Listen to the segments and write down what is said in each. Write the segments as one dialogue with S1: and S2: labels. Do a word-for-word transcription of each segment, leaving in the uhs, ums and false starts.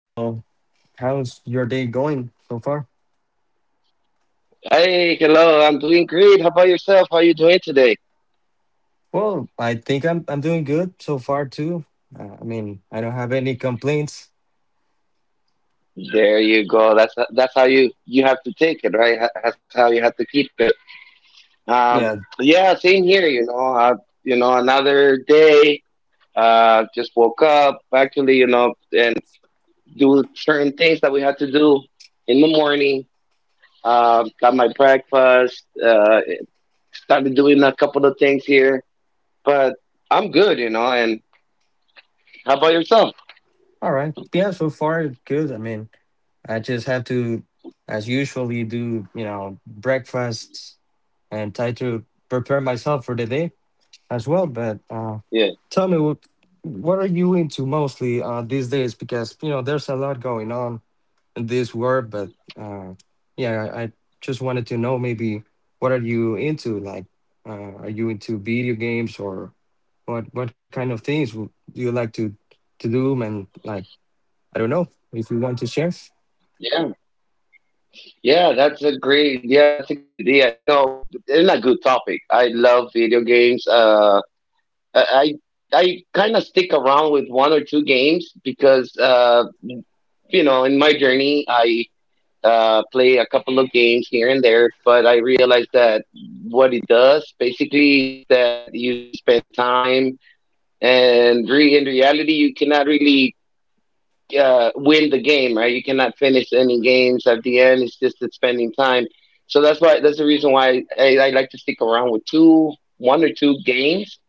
S1: well, how's your day going so far?
S2: Hey, hello. I'm doing great. How about yourself? How are you doing today?
S1: Well, I think I'm I'm doing good so far too. Uh, I mean, I don't have any complaints.
S2: There you go. That's that's how you you have to take it, right? Ha- That's how you have to keep it. Um,
S1: Yeah,
S2: yeah, same here. You know, uh, you know, another day. Uh, just woke up actually, you know, and do certain things that we had to do in the morning. Um, got my breakfast. Uh, started doing a couple of things here, but I'm good, you know. And how about yourself?
S1: all right. Yeah, so far good. I mean, I just have to, as usually, do you know breakfast and try to prepare myself for the day as well. But uh,
S2: Yeah.
S1: tell me, what what are you into mostly uh, these days? Because you know, there's a lot going on this word, but uh, yeah, I, I just wanted to know maybe what are you into? Like, uh, are you into video games or what? What kind of things w- do you like to to do? And like, I don't know if you want to share.
S2: Yeah. Yeah, that's a great, yeah, that's a good idea. You know, it's a good topic. I love video games. Uh, I I, I kind of stick around with one or two games because uh, you know, in my journey, I uh play a couple of games here and there, but I realized that what it does basically is that you you spend time and re in reality you cannot really uh, win the game, right? You cannot finish any games at the end. It's just it's spending time. So that's why that's the reason why I, I like to stick around with two, one or two games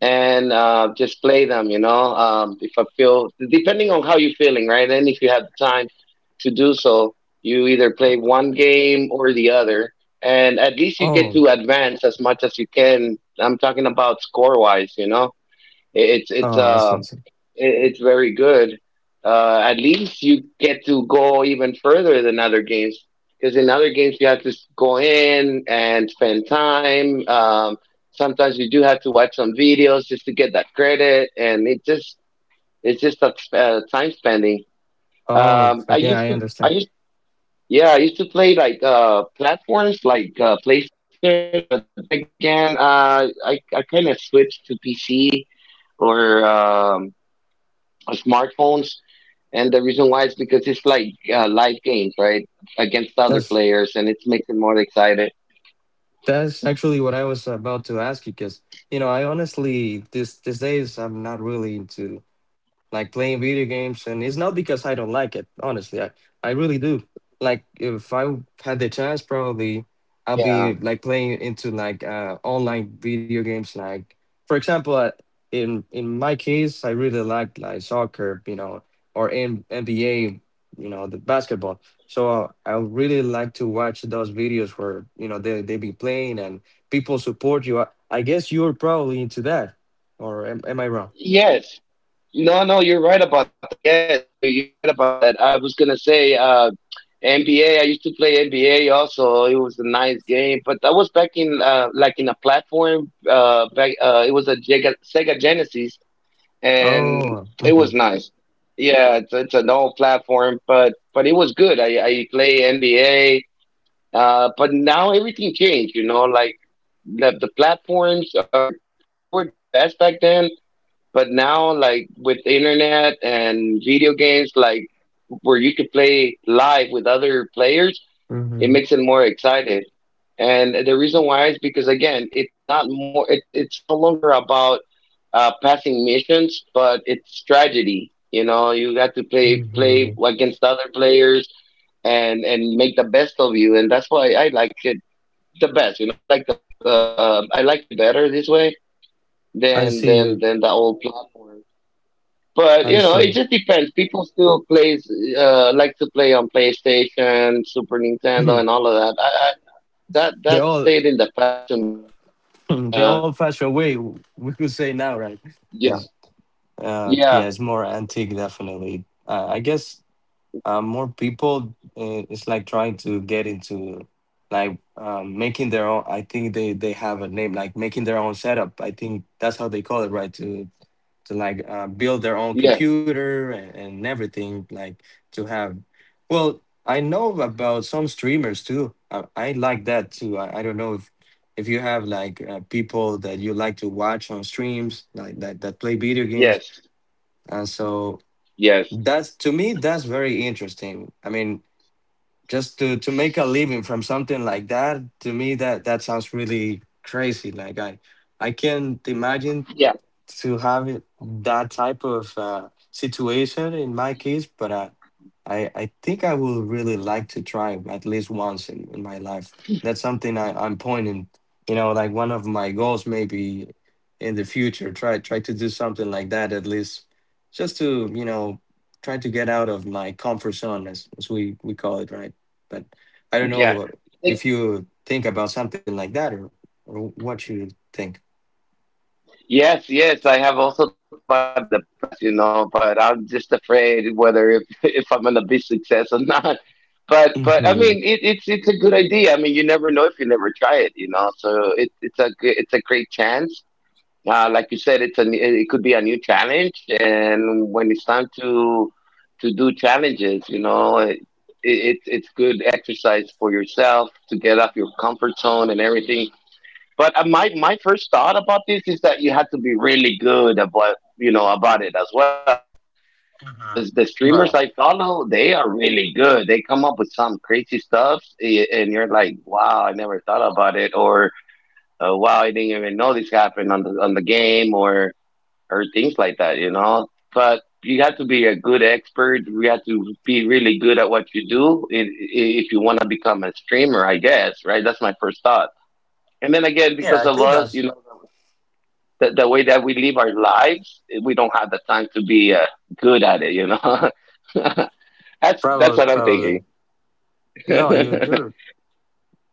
S2: and uh, just play them. You know, um, if I feel depending on how you're feeling, right? And if you have the time to do so, you either play one game or the other, and at least you get
S1: Oh,
S2: to advance as much as you can. I'm talking about score wise, you know it- It's it's
S1: oh, I see. I
S2: um
S1: see.
S2: it- it's very good. Uh, at least you get to go even further than other games because in other games you have to s- go in and spend time. Um, sometimes you do have to watch some videos just to get that credit, and it just it's just a, uh, time spending.
S1: Oh,
S2: Um, I
S1: but yeah,
S2: used
S1: I
S2: to I
S1: understand.
S2: used yeah I used to play like uh, platforms like uh, PlayStation, but then again uh, I I kind of switched to P C or. um, smartphones, and the reason why is because it's like uh, live games, right, against other
S1: That's.
S2: players, and it makes it more excited.
S1: That's actually what I was about to ask you because you know, I honestly, this these days I'm not really into like playing video games, and it's not because I don't like it. Honestly, I I really do, like if I had the chance, probably I'll be like
S2: Yeah.
S1: playing into like uh online video games. Like, for example, uh, in in my case, I really like like soccer, you know, or in N B A, you know, the basketball. So uh, I really like to watch those videos where, you know, they they be playing and people support you. I, I guess you're probably into that, or am, am I wrong?
S2: Yes no no you're right about that. Yes, you you're right about that. I was gonna say uh N B A. I used to play N B A also. It was a nice game, but that was back in uh, like in a platform. Uh, back uh, It was a Sega, Sega Genesis, and
S1: Oh,
S2: it
S1: hmm,
S2: was nice. Yeah, it's, it's an old platform, but but it was good. I I play N B A. Uh, but now everything changed, you know, like the the platforms are they were the best back then, but now like with internet and video games, like where you could play live with other players, it
S1: hmm,
S2: makes it more excited. And the reason why is because again, it's not more, it's it's no longer about uh, passing missions, but it's strategy. You know, you got to play play
S1: hmm,
S2: against other players and and make the best of you, and that's why I like it the best. You know, I like the uh, uh, I like it better this way
S1: I
S2: than
S1: see
S2: than
S1: you.
S2: than the old platform. But you
S1: I
S2: know, it
S1: see.
S2: just depends. People still plays uh, like to play on PlayStation, Super Nintendo,
S1: Mhm.
S2: and all of that. I, I, that
S1: The
S2: that stayed
S1: old
S2: in the past. And
S1: the
S2: yeah,
S1: old fashioned way we could say now, right?
S2: yeah,
S1: Because uh, yeah,
S2: yeah,
S1: it's more antique, definitely. Uh, I guess um, more people, uh, it's like trying to get into like, um, making their own, I think they they have a name, like making their own setup, I think that's how they call it, right? to to like uh, build their own
S2: yes,
S1: computer and, and everything. Like to have, well, I know about some streamers too. i, I like that too. I, I don't know if if you have like uh, people that you like to watch on streams like that, that play video games
S2: yes,
S1: and so.
S2: yes,
S1: That's to me, that's very interesting. I mean, just to to make a living from something like that, to me, that that sounds really crazy. Like i i can't imagine
S2: yeah,
S1: to have it, that type of uh, situation in my case. But I, I, I think I will really like to try, at least once in, in my life. That's something I, I'm pointing, you know, like one of my goals maybe in the future. Try try to do something like that, at least just to, you know, try to get out of my comfort zone, as, as we, we call it, right? But I don't know
S2: yeah.
S1: if you think about something like that, or, or what you think.
S2: Yes, yes, I have also thought about it in the past, you know, but I'm just afraid whether if, if I'm gonna be successful or not. But but I
S1: Hmm.
S2: mean, it, it's it's a good idea. I mean, you never know if you never try it, you know. So it, it's a g- it's a great chance. Uh, like you said, it's a n- it could be a new challenge, and when it's time to to do challenges, you know, it, it it's good exercise for yourself to get off your comfort zone and everything, but uh, my my first thought about this is that you had to be really good about, you know, about it as well,
S1: Mm.
S2: because the streamers
S1: Right.
S2: I follow they are really good. They come up with some crazy stuff, a- and you're like, wow, I never thought about it, or uh, wow, I didn't even know this happened on the on the game, or or things like that, you know. But you have to be a good expert. You have to be really good at what you do, i- i- if you want to become a streamer, I guess, right? That's my first thought. And then again,
S1: Yeah, I
S2: because of
S1: think
S2: us,
S1: that's
S2: you know, the, the way that we live our lives, we don't have the time to be uh, good at it, you know. that's that's
S1: probably
S2: what I'm thinking.
S1: probably. No, you
S2: Yeah,
S1: you're,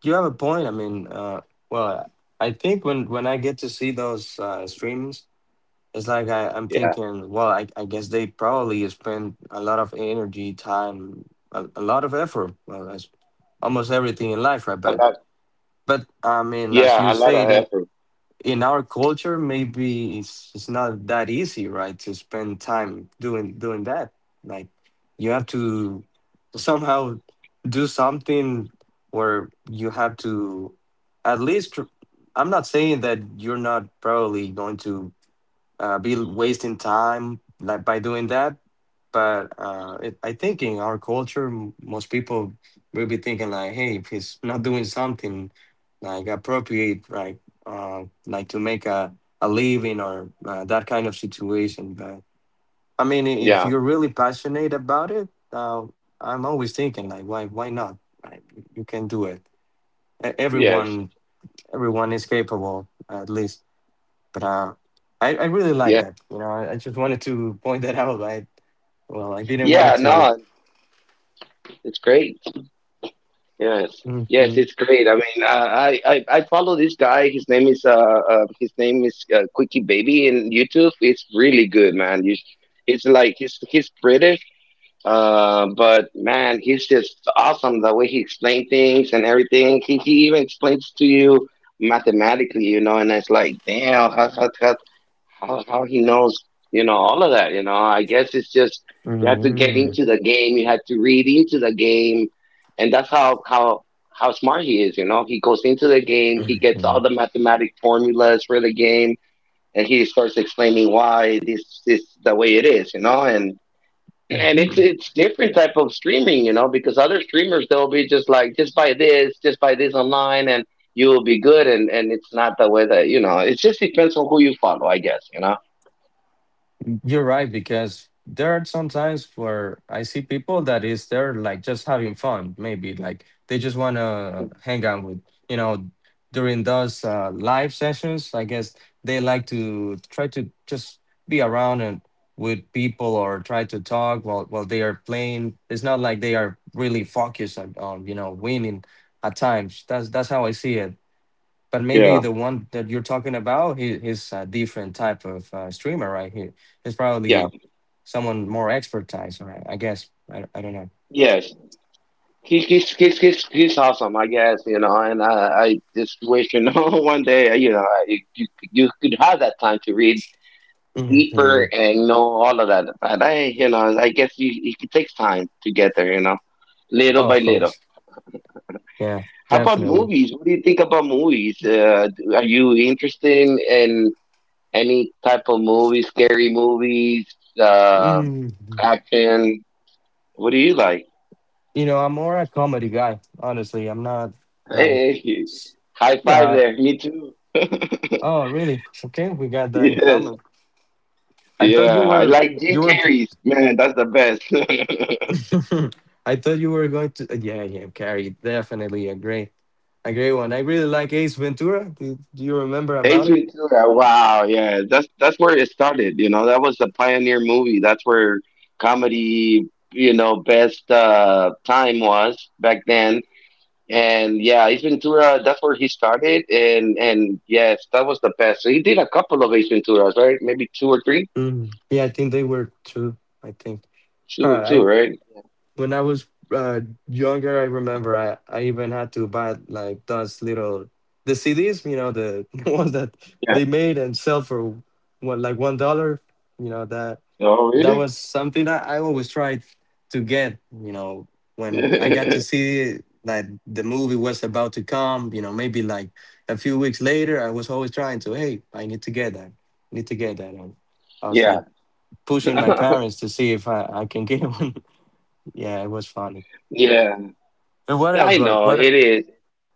S1: you have a point. I mean, uh, well, I think when when I get to see those uh, streams, it's like I I'm thinking, well, I I guess they probably spend a lot of energy, time, a, a lot of effort. Well, that's almost everything in life, right?
S2: a
S1: But
S2: lot.
S1: but I mean, as
S2: Yeah,
S1: you
S2: a lot
S1: say,
S2: of effort.
S1: in our culture maybe it's it's not that easy, right? To spend time doing doing that, like you have to somehow do something where you have to at least tr- i'm not saying that you're not probably going to uh, be wasting time like by doing that. But uh, it, I think in our culture, m- most people will be thinking like, hey, if he's not doing something like appropriate, right, uh, like to make a, a living or uh, that kind of situation. But I mean, i- if
S2: Yeah.
S1: you're really passionate about it, uh, I'm always thinking like, why, why not? Right? You can do it. E-
S2: Yes.
S1: Everyone, everyone is capable, at least. But uh, I, I really like
S2: Yeah.
S1: that. You know, I, I just wanted to point that out. I, well, I didn't want
S2: Yeah.
S1: it to.
S2: No, it's great. Yes. Yes,
S1: Mm-hmm,
S2: it's great. I mean, I I, I I follow this guy. His name is uh, uh his name is uh, Quickie Baby in YouTube. It's really good, man. You, sh- it's like he's he's British. Uh, but man, he's just awesome the way he explained things and everything. He, he even explains to you mathematically, you know, and it's like, damn, how, how, how, how, how he knows, you know, all of that, you know. I guess it's just you have to get
S1: mm-hmm,
S2: into the game, you have to read into the game, and that's how, how, how smart he is, you know. He goes into the game, he gets
S1: mm-hmm,
S2: all the mathematic formulas for the game, and he starts explaining why this is the way it is, you know, and and it's
S1: mm-hmm.
S2: it's different type of streaming, you know, because other streamers they'll be just like just buy this, just buy this online, and you will be good, and and it's not the way that, you know, it just depends on who you follow, I guess, you know.
S1: You're right, because there are some times where I see people that is there like just having fun, maybe like they just want to hang out with, you know, during those uh, live sessions. I guess they like to try to just be around and with people, or try to talk while while they are playing. It's not like they are really focused on, on you know, winning at times. That's that's how I see it. But maybe
S2: Yeah,
S1: the one that you're talking about, he, he's a different type of uh, streamer, right? He, he's
S2: yeah,
S1: probably someone more expertise, right? I guess. I, I don't know.
S2: yes, he, he's he's he's he's awesome, I guess, you know, and i i just wish, you know, one day, you know, I, you you could have that time to read deeper
S1: Hmm.
S2: and you know all of that. But I, you know, I guess you, it takes time to get there, you know, little by
S1: Of
S2: little.
S1: course. Yeah,
S2: How about
S1: definitely.
S2: movies? What do you think about movies? Uh, do- are you interested in, in any type of movies, scary movies, uh,
S1: Hmm.
S2: action? What do you like?
S1: You know, I'm more a comedy guy, honestly. I'm not like,
S2: Hey,
S1: s-
S2: high five
S1: yeah.
S2: there. Me too.
S1: Oh, really? Okay, we got that in
S2: Yes.
S1: common. I thought
S2: Yeah.
S1: you
S2: I
S1: were,
S2: like Jim
S1: you were,
S2: Carrey's. Man, that's the best.
S1: I thought you were going to, yeah, yeah, Carrie, definitely agree. A great one. I really like Ace Ventura. Do, do you remember about it?
S2: Ventura. Wow, yeah, that's that's where it started. You know, that was the pioneer movie. That's where comedy, you know, best uh, time was back then. And yeah, Ace Ventura. That's where he started. And and yes, that was the best. So he did a couple of Ace Venturas, right? Maybe two or three.
S1: Mm. Yeah, I think they were two. I think. Uh,
S2: Two or two,
S1: I
S2: right?
S1: when I was uh, younger, I remember I, I even had to buy like those little, the C Ds. You know the, the ones that
S2: Yeah.
S1: they made and sell for what, like one dollar. You know that
S2: Oh,
S1: that
S2: really?
S1: was something that I always tried to get. You know, when I got to see that the movie was about to come, you know, maybe like a few weeks later, I was always trying to, hey, I need to get that, I need to get that, and I was
S2: Yeah.
S1: like pushing my parents to see if I, I can get one. Yeah, it was funny.
S2: Yeah.
S1: And what
S2: Yeah,
S1: else?
S2: I
S1: What
S2: know
S1: what
S2: it is.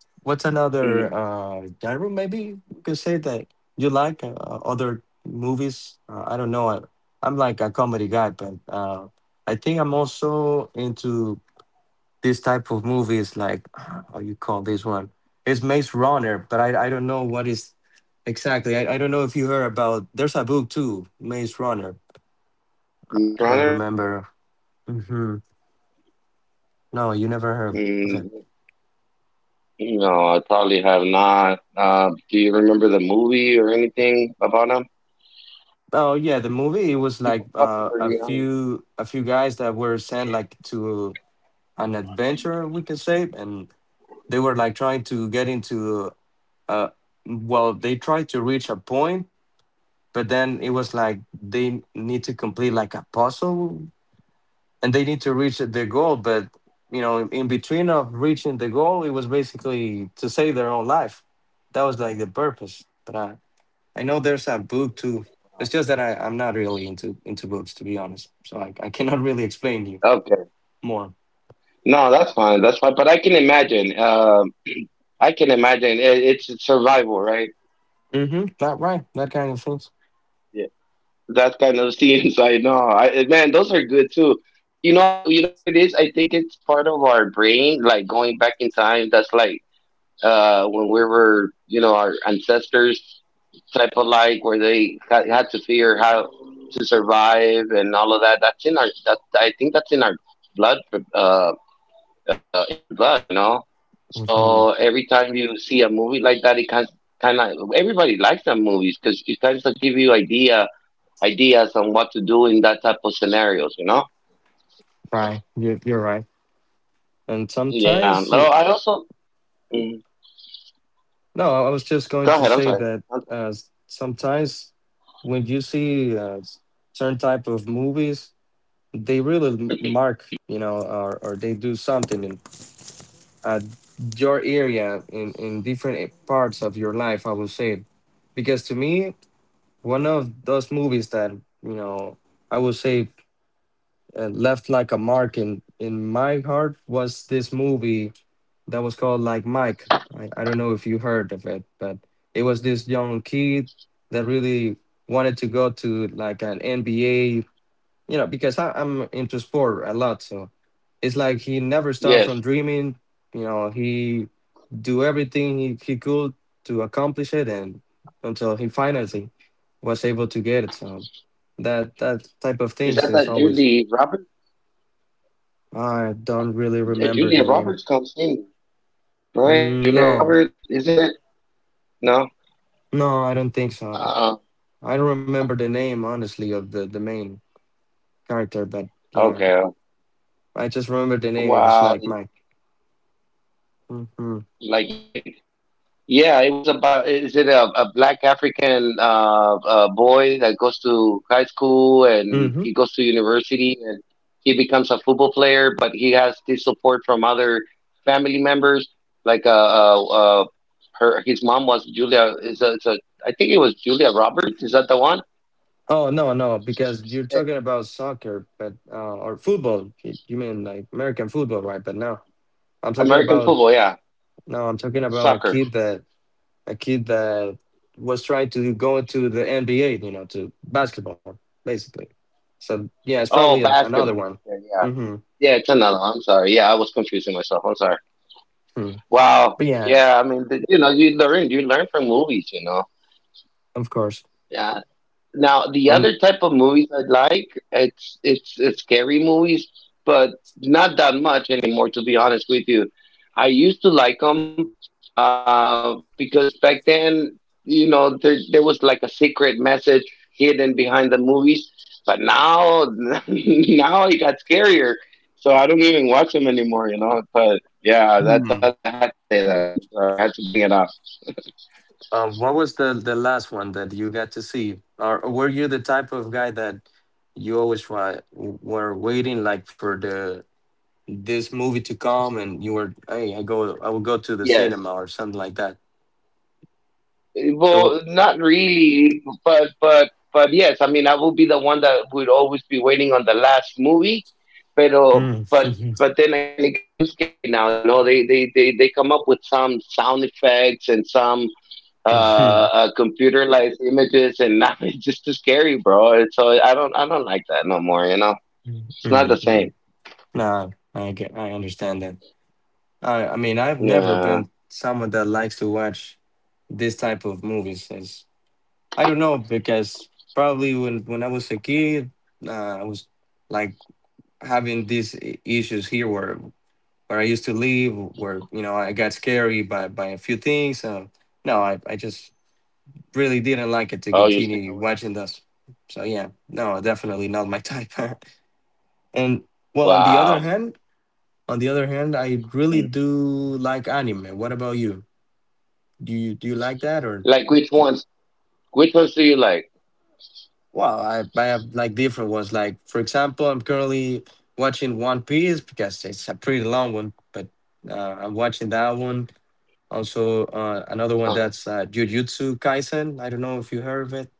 S1: What's another
S2: Mm.
S1: uh, genre? Maybe you can say that you like uh, other movies. Uh, I don't know. I, I'm like a comedy guy, but uh, I think I'm also into this type of movies. Like, uh, how you call this one? It's Maze Runner, but I I don't know what is exactly. I, I don't know if you heard about. There's a book too, Maze Runner.
S2: Maze
S1: I don't
S2: Runner.
S1: remember. Hmm. No, you never heard of it.
S2: mm, No, I probably have not. Uh, do you remember the movie or anything about him?
S1: Oh yeah, the movie, it was
S2: He's a
S1: like uh,
S2: popular
S1: a
S2: young.
S1: few a few guys that were sent like to an adventure, we can say, and they were like trying to get into, uh well, they tried to reach a point, but then it was like they need to complete like a puzzle and they need to reach the goal. But you know, in in between of reaching the goal, it was basically to save their own life. That was like the purpose. But. I, I know there's a book too. It's just that I, I'm not really into into books, to be honest. So I, I cannot really explain you
S2: Okay.
S1: more.
S2: No, that's fine. That's fine. But I can imagine. Um, I can imagine. It, it's it's survival, right?
S1: Mm-hmm. That right. That kind of things.
S2: Yeah. That kind of scenes. I know. I man, those are good too. You know. I, you know what it is? I think it's part of our brain, like going back in time. That's like uh, when we were, you know, our ancestors type of like where they ha- had to figure how to survive and all of that. That's in our, that, I think that's in our blood, uh, uh, in our blood, you know?
S1: Hmm.
S2: So every time you see a movie like that, it kind kind of, everybody likes that movies because it kind of give you idea, ideas on what to do in that type of scenarios, you know?
S1: Right. You're, you're right. And
S2: Yeah.
S1: sometimes
S2: No,
S1: it-
S2: I also, mm,
S1: no, I was just going
S2: go
S1: to
S2: ahead. I'm
S1: say
S2: sorry.
S1: that uh, s- sometimes when you see uh, s- certain type of movies, they really m- mark, you know, or, or they do something in uh, your area, in, in different eh, parts of your life, I would say. Because to me, one of those movies that, you know, I would say uh, left like a mark in in my heart was this movie that was called Like Mike. I, I don't know if you heard of it, but it was this young kid that really wanted to go to like an N B A, you know, because I, I'm into sport a lot. So it's like he never stopped
S2: Yes.
S1: from dreaming. You know, he do everything he, he could to accomplish it, and until he finally was able to get it. So that that type of
S2: Is
S1: things
S2: that
S1: is
S2: that
S1: always.
S2: Julie Roberts?
S1: I don't really
S2: Uh,
S1: remember
S2: Julia
S1: the name.
S2: Roberts comes in, right?
S1: Mm,
S2: Julia
S1: no,
S2: Roberts, isn't it? No.
S1: no, I don't think so.
S2: Uh,
S1: I don't remember the name, honestly, of the the main character, but yeah,
S2: okay.
S1: I just remember the name. It was
S2: Wow.
S1: Like Mike. Mm-hmm.
S2: Like Mike. Yeah, it was about. Is it a, a black African uh, uh boy that goes to high school and
S1: Mm-hmm.
S2: he goes to university and he becomes a football player, but he has this support from other family members. Like uh, uh, uh her, his mom was Julia. Is a, it's a. I think it was Julia Roberts. Is that the one?
S1: Oh no, no, because you're talking about soccer, but uh, or football. You you mean like American football, right? But no, I'm talking
S2: American
S1: about
S2: football, yeah.
S1: no, I'm talking about a
S2: Soccer.
S1: kid that a kid that was trying to go to the N B A, you know, to basketball, basically. So yeah, it's probably
S2: Oh,
S1: a, another one.
S2: basketball. Okay, yeah.
S1: Mm-hmm.
S2: Yeah, it's another. I'm sorry. Yeah, I was confusing myself. I'm sorry.
S1: Hmm.
S2: Wow.
S1: But yeah,
S2: Yeah, I mean, th- you know, you learn. You learn from movies, you know.
S1: of course.
S2: Yeah. Now, the
S1: And
S2: other type of movies I like, it's it's it's scary movies, but not that much anymore, to be honest with you. I used to like them. Uh, because back then, you know, there, there was like a secret message hidden behind the movies. But now, now it got scarier. So I don't even watch them anymore, you know. But yeah, that
S1: hmm,
S2: that's I had to say that. I'm sorry, I had to bring it up.
S1: um, what was the the last one that you got to see, or were you the type of guy that you always wa- were waiting like for the this movie to come, and you were, hey, i go I will go to the cinema
S2: Yes.
S1: or something like that, so.
S2: Well, not really, but but but yes, I mean, I will be the one that would always be waiting on the last movie, but
S1: Mm,
S2: but but then again, it got too scary now. You know, they they they they come up with some sound effects and some uh, uh computerized images, and now it's just too scary, bro. And so I don't I don't like that no more. You know,
S1: mm,
S2: it's not the same.
S1: mm. nah i get i understand that. I i mean, I've never
S2: Yeah.
S1: been someone that likes to watch this type of movies as I don't know because probably when when I was a kid, uh, i was like having these i- issues here where where I used to live where, you know, I got scary by by a few things. Um no, i i just really didn't like it to
S2: Oh, you stay
S1: continue
S2: away.
S1: watching this. So yeah, no, definitely not my type. And well, on the other
S2: Wow.
S1: hand, on the other hand, I really
S2: Mm.
S1: do like anime. What about you? Do you do you like that or?
S2: Like which ones? Which ones do you like?
S1: Well, I I have like different ones. Like for example, I'm currently watching One Piece because it's a pretty long one, but uh, I'm watching that one. Also, uh, another one
S2: Uh,
S1: that's uh, Jujutsu Kaisen. I don't know if you heard of it.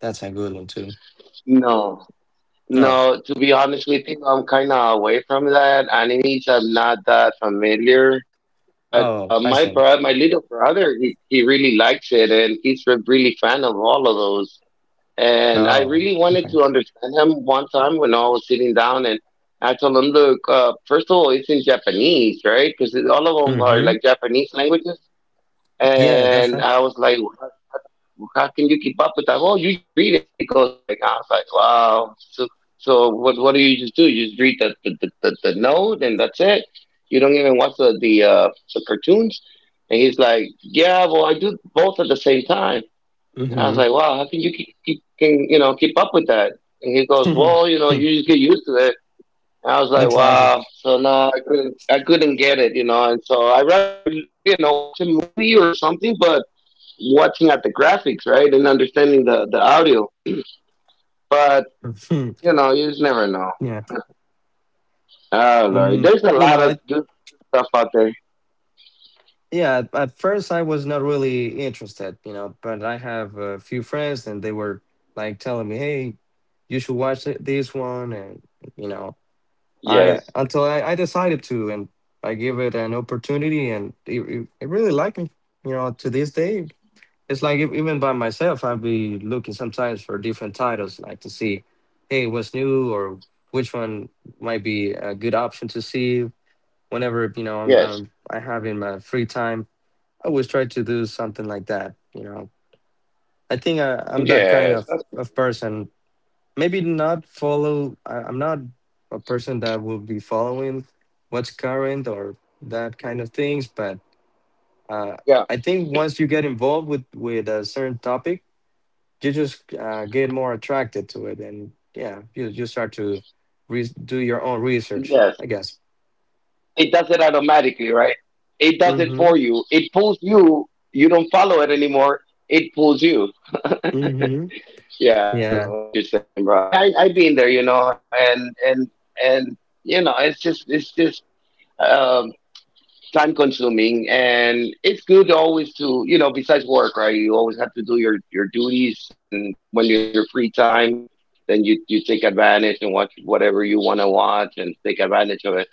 S1: That's a good one too.
S2: no.
S1: No,
S2: No, to be honest with you, I'm kind of away from that. Animes, I'm not that familiar. But
S1: oh,
S2: uh,
S1: I
S2: my
S1: see.
S2: bro, my little brother, he, he really likes it, and he's a really fan of all of those. And I
S1: Oh,
S2: really wanted
S1: okay.
S2: to understand him one time when I was sitting down, and I told him, "Look, uh, first of all, it's in Japanese, right? Because all of them are
S1: Mm-hmm.
S2: like Japanese languages."
S1: Yeah, that's
S2: And
S1: right.
S2: I was like, how can you keep up with that? Oh, you just read it. He goes like, I was like, wow. So, so what? What do you just do? You just read the the, the, the, the note and that's it. You don't even watch the the, uh, the cartoons. And he's like, yeah, well, I do both at the same time. And I was
S1: Mm-hmm.
S2: like, wow, how can you keep, keep can you know keep up with that? And he goes, well, you know, you just get used to it. And I was like,
S1: Exactly.
S2: wow. So no, I couldn't, I couldn't get it, you know. And so I rather, you know, watch a movie or something, but watching at the graphics, right, and understanding the the audio. But
S1: Mhm.
S2: you know, you just
S1: Yeah.
S2: never know.
S1: Mm,
S2: Oh Lord,
S1: you
S2: there's
S1: know,
S2: a
S1: I,
S2: lot of good stuff out there.
S1: yeah, at at first I was not really interested, you know, but I have a few friends and they were like telling me, hey, you should watch thi- this one. And, you know, I,
S2: Yes,
S1: until I, I decided to, and I give it an opportunity and it, it, it really liked me, you know, to this day. It's like if, even by myself, I'd be looking sometimes for different titles, like to see, hey, what's new or which one might be a good option to see. Whenever you know I'm,
S2: yes,
S1: um, I have in my free time, I always try to do something like that. You know, I think I, I'm that kind
S2: yes.
S1: of
S2: That's good.
S1: of person. Maybe not follow. I, I'm not a person that will be following what's current or that kind of things, but uh,
S2: Yeah,
S1: I think once you get involved with with a certain topic you just uh, get more attracted to it, and yeah, you you start to re- do your own research,
S2: yes.
S1: I guess.
S2: It does it automatically, right? It does it
S1: Mm-hmm.
S2: for you. It pulls you. You don't follow it anymore. It pulls you.
S1: Mm-hmm.
S2: Yeah, I know
S1: Yeah.
S2: what you're saying, bro. I I've been there, you know, and and and you know, it's just it's just. um, Time consuming and it's good always to you know besides work right you always have to do your your duties and when you have your free time then you you take advantage and watch whatever you want to watch and take advantage of it.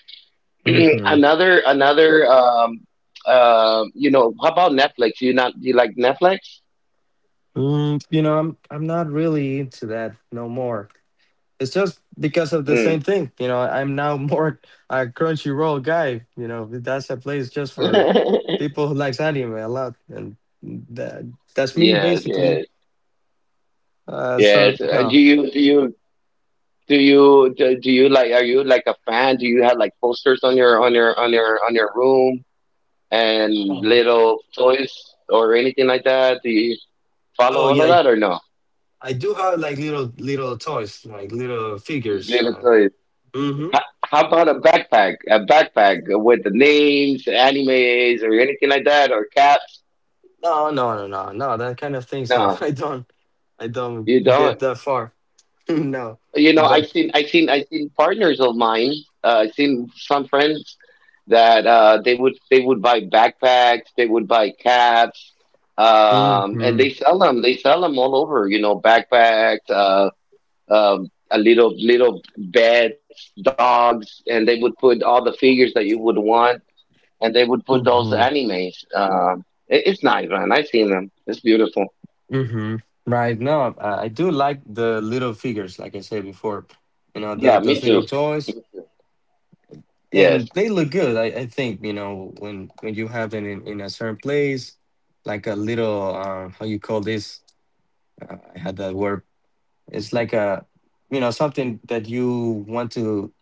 S1: Mm-hmm.
S2: another another um uh you know, how about Netflix? You not Do you like Netflix?
S1: Mm, you know, i'm i'm not really into that no more. It's just because of the same
S2: Mm.
S1: thing, you know. I'm now more a Crunchyroll guy. You know, that's a place just for people who likes anime a lot, and that that's me
S2: Yes,
S1: basically.
S2: yes,
S1: Uh so
S2: yes. Uh,
S1: no.
S2: do you do you do you do, do you like, are you like a fan? Do you have like posters on your on your on your on your room and
S1: Oh,
S2: little toys or anything like that? Do you follow
S1: oh
S2: all of
S1: yeah.
S2: that or no?
S1: I do have like little little toys, like little figures.
S2: Little
S1: Uh,
S2: toys.
S1: hmm
S2: How, how about a backpack? A backpack with the names, animes, or anything like that, or caps?
S1: No, no, no, no, no. That kind of things I,
S2: No,
S1: I don't I don't
S2: you
S1: get
S2: don't.
S1: that far. No,
S2: You know, I've
S1: but
S2: seen, I've seen, I've seen partners of mine. Uh, I've seen some friends that uh, they would they would buy backpacks, they would buy caps, um, and
S1: mm-hmm,
S2: they sell them. They sell them all over. You know, backpacks. uh, um, a little little beds, dogs, and they would put all the figures that you would want, and they would put those
S1: mm-hmm,
S2: animes. Um, it, it's nice, man. I've seen them. It's beautiful.
S1: mm-hmm. Right now, I, I do like the little figures, like I said before. You know, the,
S2: Yeah,
S1: those
S2: me
S1: little
S2: too.
S1: toys,
S2: Yes,
S1: and they look good. I, I think, you know, when when you have them in, in a certain place, like a little uh, how you call this? Uh, I had that word. It's like a, you know, something that you want to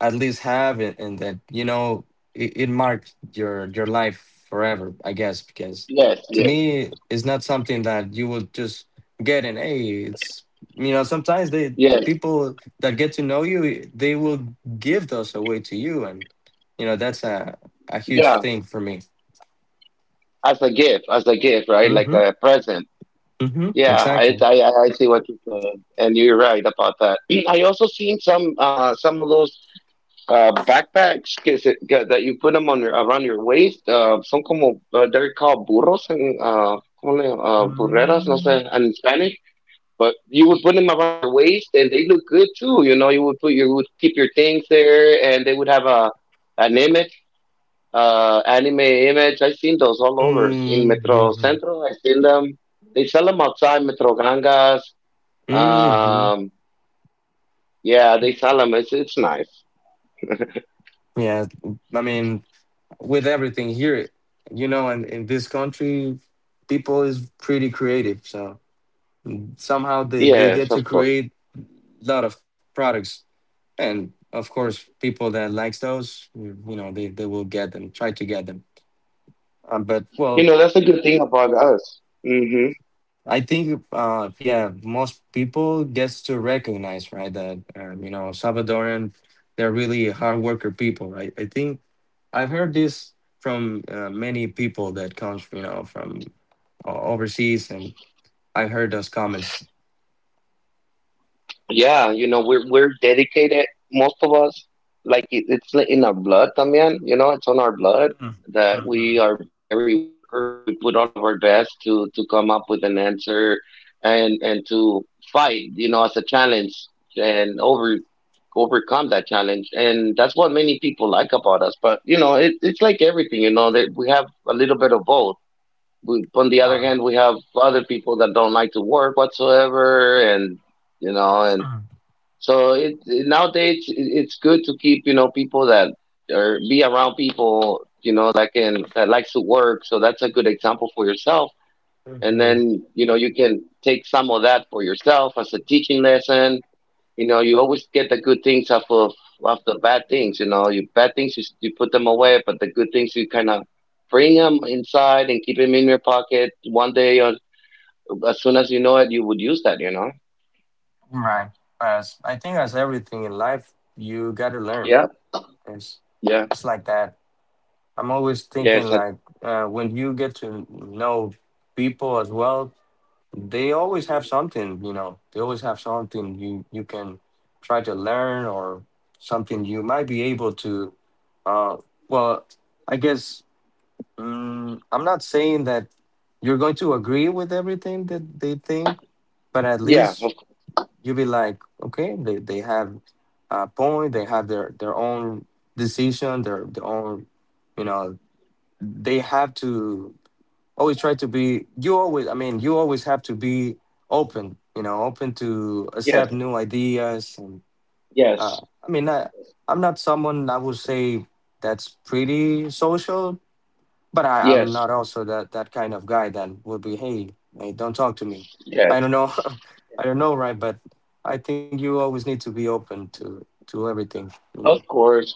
S1: at least have, and, and that you know it, it marked your your life forever, I guess. Because
S2: yes,
S1: to
S2: yes,
S1: me, it's not something that you will just get. And hey, it's you know sometimes they
S2: yes.
S1: people that get to know you, they will give those away to you, and you know that's a a huge
S2: Yeah,
S1: thing for me.
S2: as a gift, as a gift, right? Like
S1: Mm-hmm.
S2: a present.
S1: Mm-hmm.
S2: Yeah, I
S1: Exactly.
S2: I, I I see what you're saying, and you're right about that. I also seen some uh some of those. Uh, backpacks que se, que- that you put them on your around your waist. Uh, son como uh, they're called burros and uh, como le, uh, burreras, no sé,
S1: Mm-hmm.
S2: in Spanish. But you would put them around your waist, and they look good too. You know, you would put you would keep your things there, and they would have a an image, uh, anime image. I've seen those all over in Metro Centro. I've seen them. They sell them outside Metro Gangas.
S1: Mm-hmm.
S2: Um, yeah, they sell them. It's it's nice.
S1: Yeah, I mean, with everything here, you know, and in in this country, people is pretty creative. So somehow they, they
S2: Yes,
S1: get
S2: of
S1: to
S2: course.
S1: create a lot of products. And of course, people that likes those, you know, they, they will get them, try to get them. Uh, but
S2: You
S1: well,
S2: know, that's a good thing about us. Hmm.
S1: I think, uh, yeah, most people gets to recognize, right, that, um, you know, Salvadoran, they're really hard worker people. I, I think I've heard this from uh, many people that comes, you know, from uh, overseas, and I have heard those comments.
S2: Yeah, you know, we're we're dedicated. Most of us, like it, it's like in our blood, también. You know, it's on our blood that
S1: Mm-hmm.
S2: we are very workers. We put all of our best to to come up with an answer and and to fight. You know, as a challenge and over overcome that challenge. And that's what many people like about us. But you know, it, it's like everything. You know, that we have a little bit of both. We, on the other hand, we have other people that don't like to work whatsoever, and you know, and so it, it- nowadays it- it's good to keep you know people that or be around people you know that can, that likes to work. So that's a good example for yourself, and then you you can take some of that for yourself as a teaching lesson. You know, you always get the good things off of off the bad things. You know, you bad things you, s- you put them away, but the good things you kind of bring them inside and keep them in your pocket. One day, or as soon as you know it, you would use that. You know?
S1: Right. As I think, as everything in life, you gotta learn.
S2: Yeah.
S1: It's
S2: Yeah.
S1: it's like that. I'm always
S2: Yes.
S1: thinking
S2: I,
S1: like uh, when you get to know people as well, they always have something, you know. They always have something you you can try to learn or something you might be able to. Uh, well, I guess, mm, I'm not saying that you're going to agree with everything that they think, but at
S2: yeah.
S1: least
S2: Of, cou-
S1: you'll be like, okay, they, they have a point, they have their, their own decision, their, their own, you know, they have to always try to be you always i mean you always have to be open, you know, open to
S2: yes.
S1: accept new ideas and uh,
S2: Yes.
S1: I mean, I, i'm not someone I would say that's pretty social, but I, I'm
S2: Yes.
S1: not also that that kind of guy that would be hey, hey, don't talk to me. I
S2: Yes.
S1: don't know. I don't know, right? But I think you always need to be open to to everything, you know.
S2: Of course.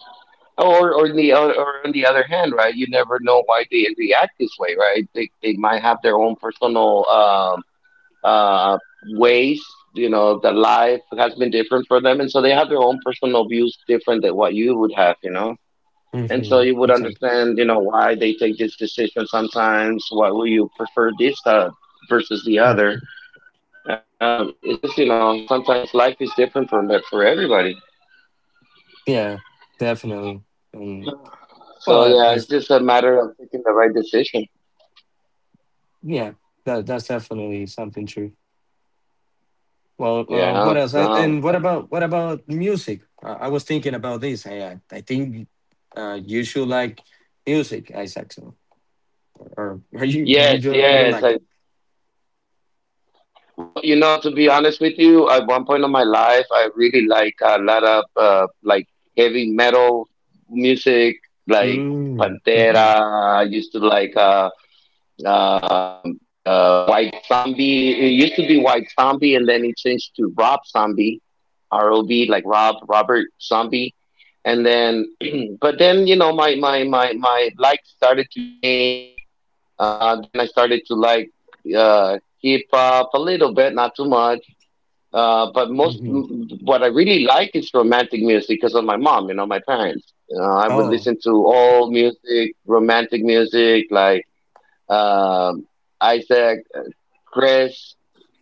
S2: Or or the or, or on the other hand, right? You never know why they react this way, right? They they might have their own personal um uh, ways. You know, that life has been different for them, and so they have their own personal views different than what you would have. You know, and so
S1: Hmm.
S2: you would
S1: Exactly.
S2: understand, you know, why they take this decision sometimes. Why will you prefer this uh, versus the
S1: Mm.
S2: other? Uh, it's just you know, sometimes life is different for for everybody.
S1: Yeah, definitely. and
S2: So
S1: well
S2: yeah, it's
S1: as
S2: just a matter of taking the right decision.
S1: Yeah, that that's definitely something true. Well,
S2: Yeah.
S1: uh, what else? And,
S2: No.
S1: and what
S2: No.
S1: about what about music? Uh, I was thinking about this. I I I think uh, you should like music, Isaac. So, or, or you you
S2: Yes.
S1: don't you don't
S2: Yes.
S1: like that?
S2: I Well, you know, to be honest with you, at one point of my life, I really like a lot of uh, like heavy metal music, like
S1: Mm, hmm,
S2: Pantera. I used to like uh, um uh, White Zombie. It used to be White Zombie, and then it changed to Rob Zombie, R O B, like Rob Robert Zombie. And then, but then you know, my my my my likes started to change. Uh, then I started to like uh, hip hop a little bit, not too much, uh, but most,
S1: hmm.
S2: what I really like is romantic music because of my mom, you know, my parents. You know, I would
S1: Oh.
S2: listen to all music, romantic music like um, Isaac, Chris,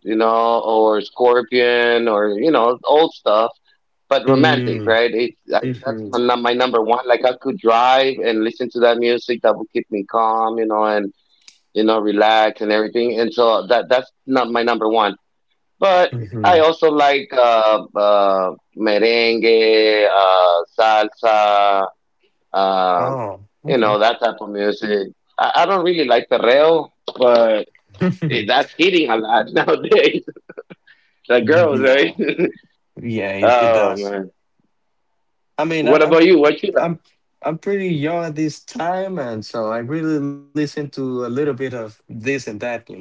S2: you know, or Scorpion, or you know, old stuff, but romantic,
S1: Mm,
S2: right? It's I, that's
S1: hmm,
S2: my, num- my number one. Like I could drive and listen to that music that would keep me calm, you know, and you know, relax and everything. And so that that's not my number one, but I
S1: hmm.
S2: also like uh, uh, merengue, uh, salsa, uh,
S1: Oh,
S2: you
S1: okay.
S2: know, that type of music. I, I don't really like perreo, but it, that's hitting a lot nowadays. The girls, right?
S1: Yeah. Yeah. It, it
S2: Oh,
S1: does.
S2: man.
S1: I mean, I,
S2: What
S1: I'm
S2: about you? What you like?
S1: I'm I'm pretty young at this time, and so I really listen to a little bit of this and that, you know.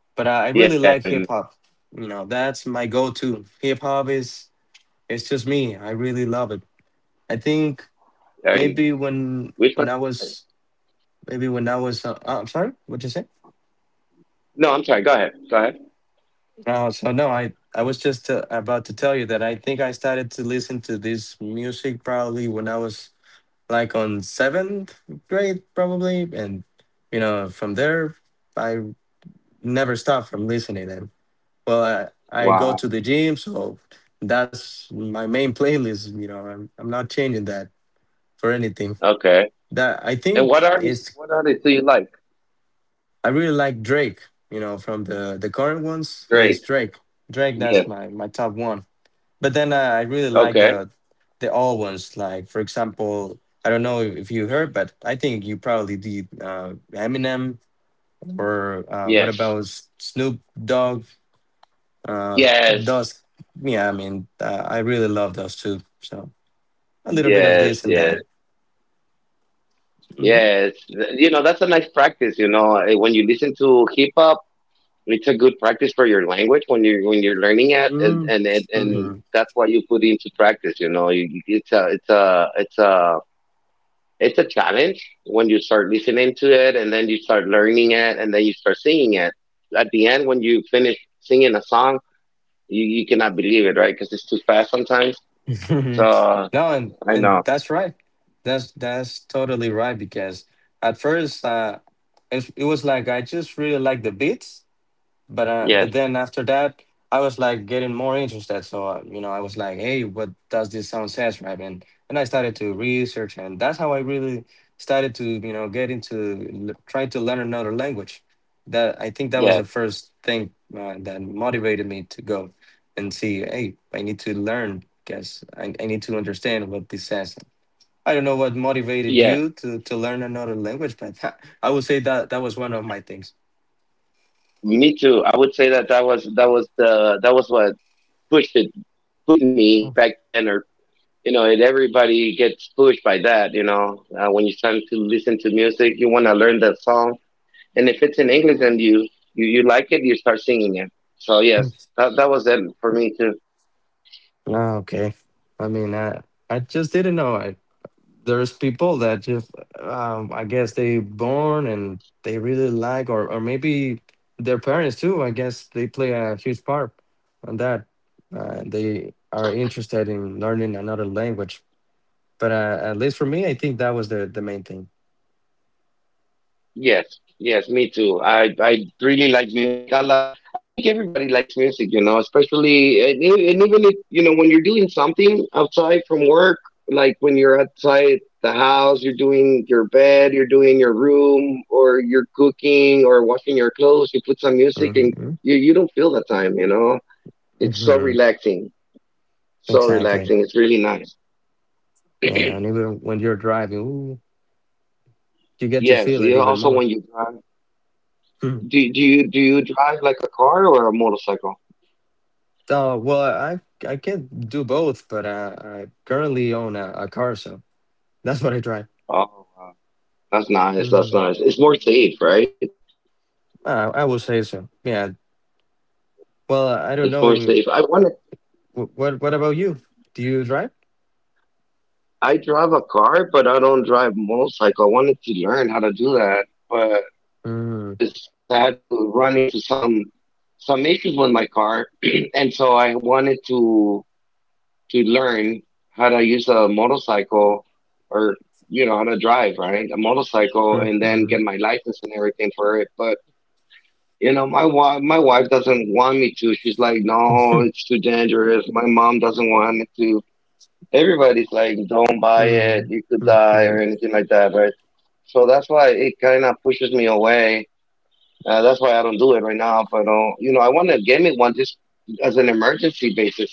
S1: But I, I really like
S2: Yes, I
S1: hip
S2: know.
S1: hop. You know, that's my go-to. Hip hop is it's just me. I really love it. I think
S2: I know.
S1: maybe when
S2: Which one
S1: when
S2: do
S1: I
S2: you like?
S1: was maybe when I was uh, uh, I'm sorry, what you say?
S2: No, I'm sorry. Go ahead. Go ahead.
S1: Uh, so no, I I was just uh, about to tell you that I think I started to listen to this music probably when I was like on seventh grade probably, and you know from there I never stop from listening. And well, I, I go
S2: Wow.
S1: to the gym, so that's my main playlist. You know, I'm I'm not changing that for anything.
S2: Okay.
S1: That I
S2: And
S1: think
S2: what artists,
S1: it's
S2: what artists do you like?
S1: I really like Drake. You know, from the the current ones is
S2: Drake.
S1: Drake. Drake, that's
S2: Yes.
S1: my my top one. But then uh, I really like
S2: Okay.
S1: the the old ones. Like for example, I don't know if you heard, but I think you probably did, uh, Eminem, or uh, what
S2: Yes.
S1: about S- Snoop Dogg? Uh,
S2: Yes.
S1: Dusk. Yeah, I mean, uh, I really love those too. So a little bit of
S2: Yes.
S1: this and
S2: Yes.
S1: that. Mm-hmm.
S2: Yes, th- you know, that's a nice practice, you know, eh, when you listen to hip hop, it's a good practice for your language when you when you're learning it and and and, and
S1: Hmm.
S2: that's what you put into practice, you know. You, you- it's a it's a it's a it's a challenge when you start listening to it and then you start learning it and then you start singing it. At the end when you finish singing a song, you you cannot believe it, right? Because it's too fast sometimes.
S1: No,
S2: So,
S1: and
S2: I
S1: and
S2: know.
S1: that's right. That's that's totally right because at first uh, it, it was like I just really like the beats, but uh,
S2: Yes.
S1: but then after that I was like getting more interested, so uh, you know, I was like hey what does this sound says, right? and and I started to research, and that's how I really started to you know get into l- trying to learn another language. That I think that was
S2: Yes.
S1: the first thing uh, that motivated me to go and see, hey, I need to learn, because I, I need to understand what this says. I don't know what motivated
S2: Yes.
S1: you to to learn another language, but I would say that that was one of my things.
S2: Me too. I would say that that was that was the that was what pushed it pushed me back then, or you know, and everybody gets pushed by that. You know, uh, when you start to listen to music, you want to learn the song, and if it's in English and you you you like it, you start singing it. So yes, that that was it for me too.
S1: Ah, okay. I mean, I I just didn't know. I There's people that just um, I guess they born and they really like, or or maybe their parents too. I guess they play a huge part on that. Uh, they are interested in learning another language. But uh, at least for me, I think that was the the main thing.
S2: Yes, yes, me too. I I really like music a lot. I think everybody likes music, you know, especially and, e- and even if you know when you're doing something outside from work, like when you're outside the house, you're doing your bed, you're doing your room, or you're cooking or washing your clothes, you put some music and
S1: Hmm.
S2: you you don't feel the time, you know. It's so
S1: Hmm.
S2: relaxing, so
S1: Exactly.
S2: relaxing. It's really nice.
S1: Yeah, and even when you're driving, ooh, you get to
S2: Yes,
S1: feel it
S2: you
S1: even
S2: also
S1: more.
S2: when you drive, do do you do you drive like a car or a motorcycle?
S1: Oh, well, I I can do both, but I, I currently own a, a car, so that's what I drive.
S2: Oh. That's nice. That's
S1: Hmm.
S2: nice. It's more safe, right?
S1: I, I will say so. Yeah. Well, uh, I don't
S2: It's more
S1: know.
S2: safe. I want to.
S1: What what, what about you? Do you drive?
S2: I drive a car, but I don't drive motorcycle. I wanted to learn how to do that, but
S1: Mm-hmm.
S2: because because I had to run into some some issues with my car, and so I wanted to to learn how to use a motorcycle or you know how to drive, right? A motorcycle, and then
S1: Mm-hmm.
S2: get my license and everything for it. But you know, my wife, my wife doesn't want me to. She's like, no, it's too dangerous. My mom doesn't want me to. Everybody's like, don't buy it.
S1: Mm-hmm.
S2: You could die or anything like that, right? So that's why it kind of pushes me away. Uh, that's why I don't do it right now. But uh, you know, I want to get me one just as an emergency basis.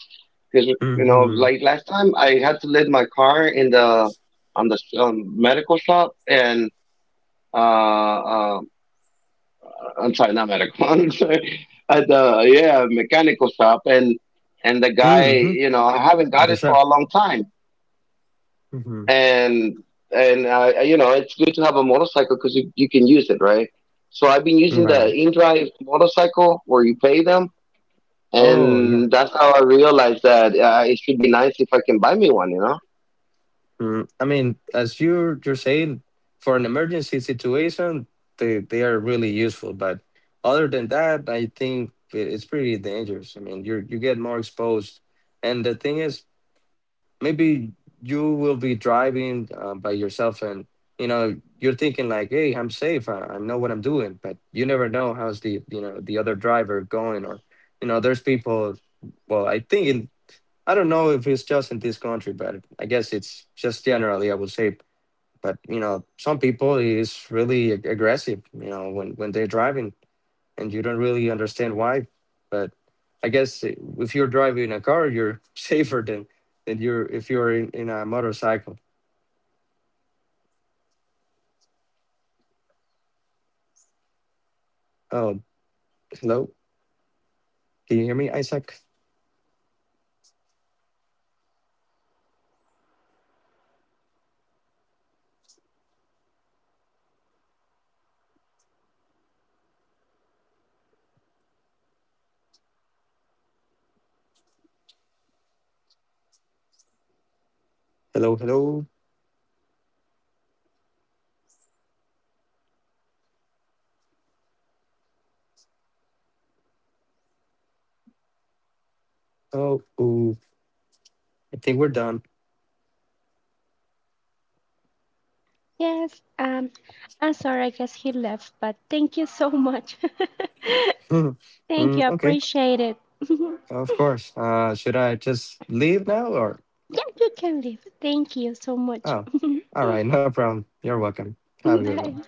S2: Because you know,
S1: Mm-hmm.
S2: like last time, I had to leave my car in the on the um, medical shop, and uh, uh, I'm sorry, not medical. I'm sorry. At the yeah mechanical shop, and and the guy,
S1: Mm-hmm.
S2: you know, I haven't
S1: At
S2: got
S1: the
S2: it for
S1: shop.
S2: a long time,
S1: Mm-hmm.
S2: and and uh, you know, it's good to have a motorcycle because you, you can use it, right? So I've been using the
S1: Right.
S2: InDrive motorcycle where you pay them,
S1: Oh, yeah.
S2: and that's how I realized that uh, it should be nice if I can buy me one, you know?
S1: Mm, I mean, as you you're saying, for an emergency situation, they they are really useful. But other than that, I think i- it's pretty dangerous. I mean, you you get more exposed, and the thing is, maybe you will be driving uh, by yourself, and you know you're thinking like, "Hey, I'm safe. I, I know what I'm doing," but you never know how's the you know the other driver going, or you know, there's people. Well, I think in. I don't know if it's just in this country, but I guess it's just generally, I would say. But you know, some people is really ag- aggressive, you know, when when they're driving, and you don't really understand why. But I guess i- if you're driving a car, you're safer than than you're if you're in, in a motorcycle. Oh, hello, can you hear me, Isaac? Hello, hello. Oh, ooh, I think we're done.
S3: Yes, um, I'm sorry, I guess he left, but thank you so much. Thank
S1: Mm,
S3: you,
S1: okay,
S3: appreciate it. Yeah,
S1: of course. Uh, should I just leave now, or?
S3: you can leave. Thank you so much.
S1: Oh, all right. No problem. You're welcome. Have a good one.
S3: Bye.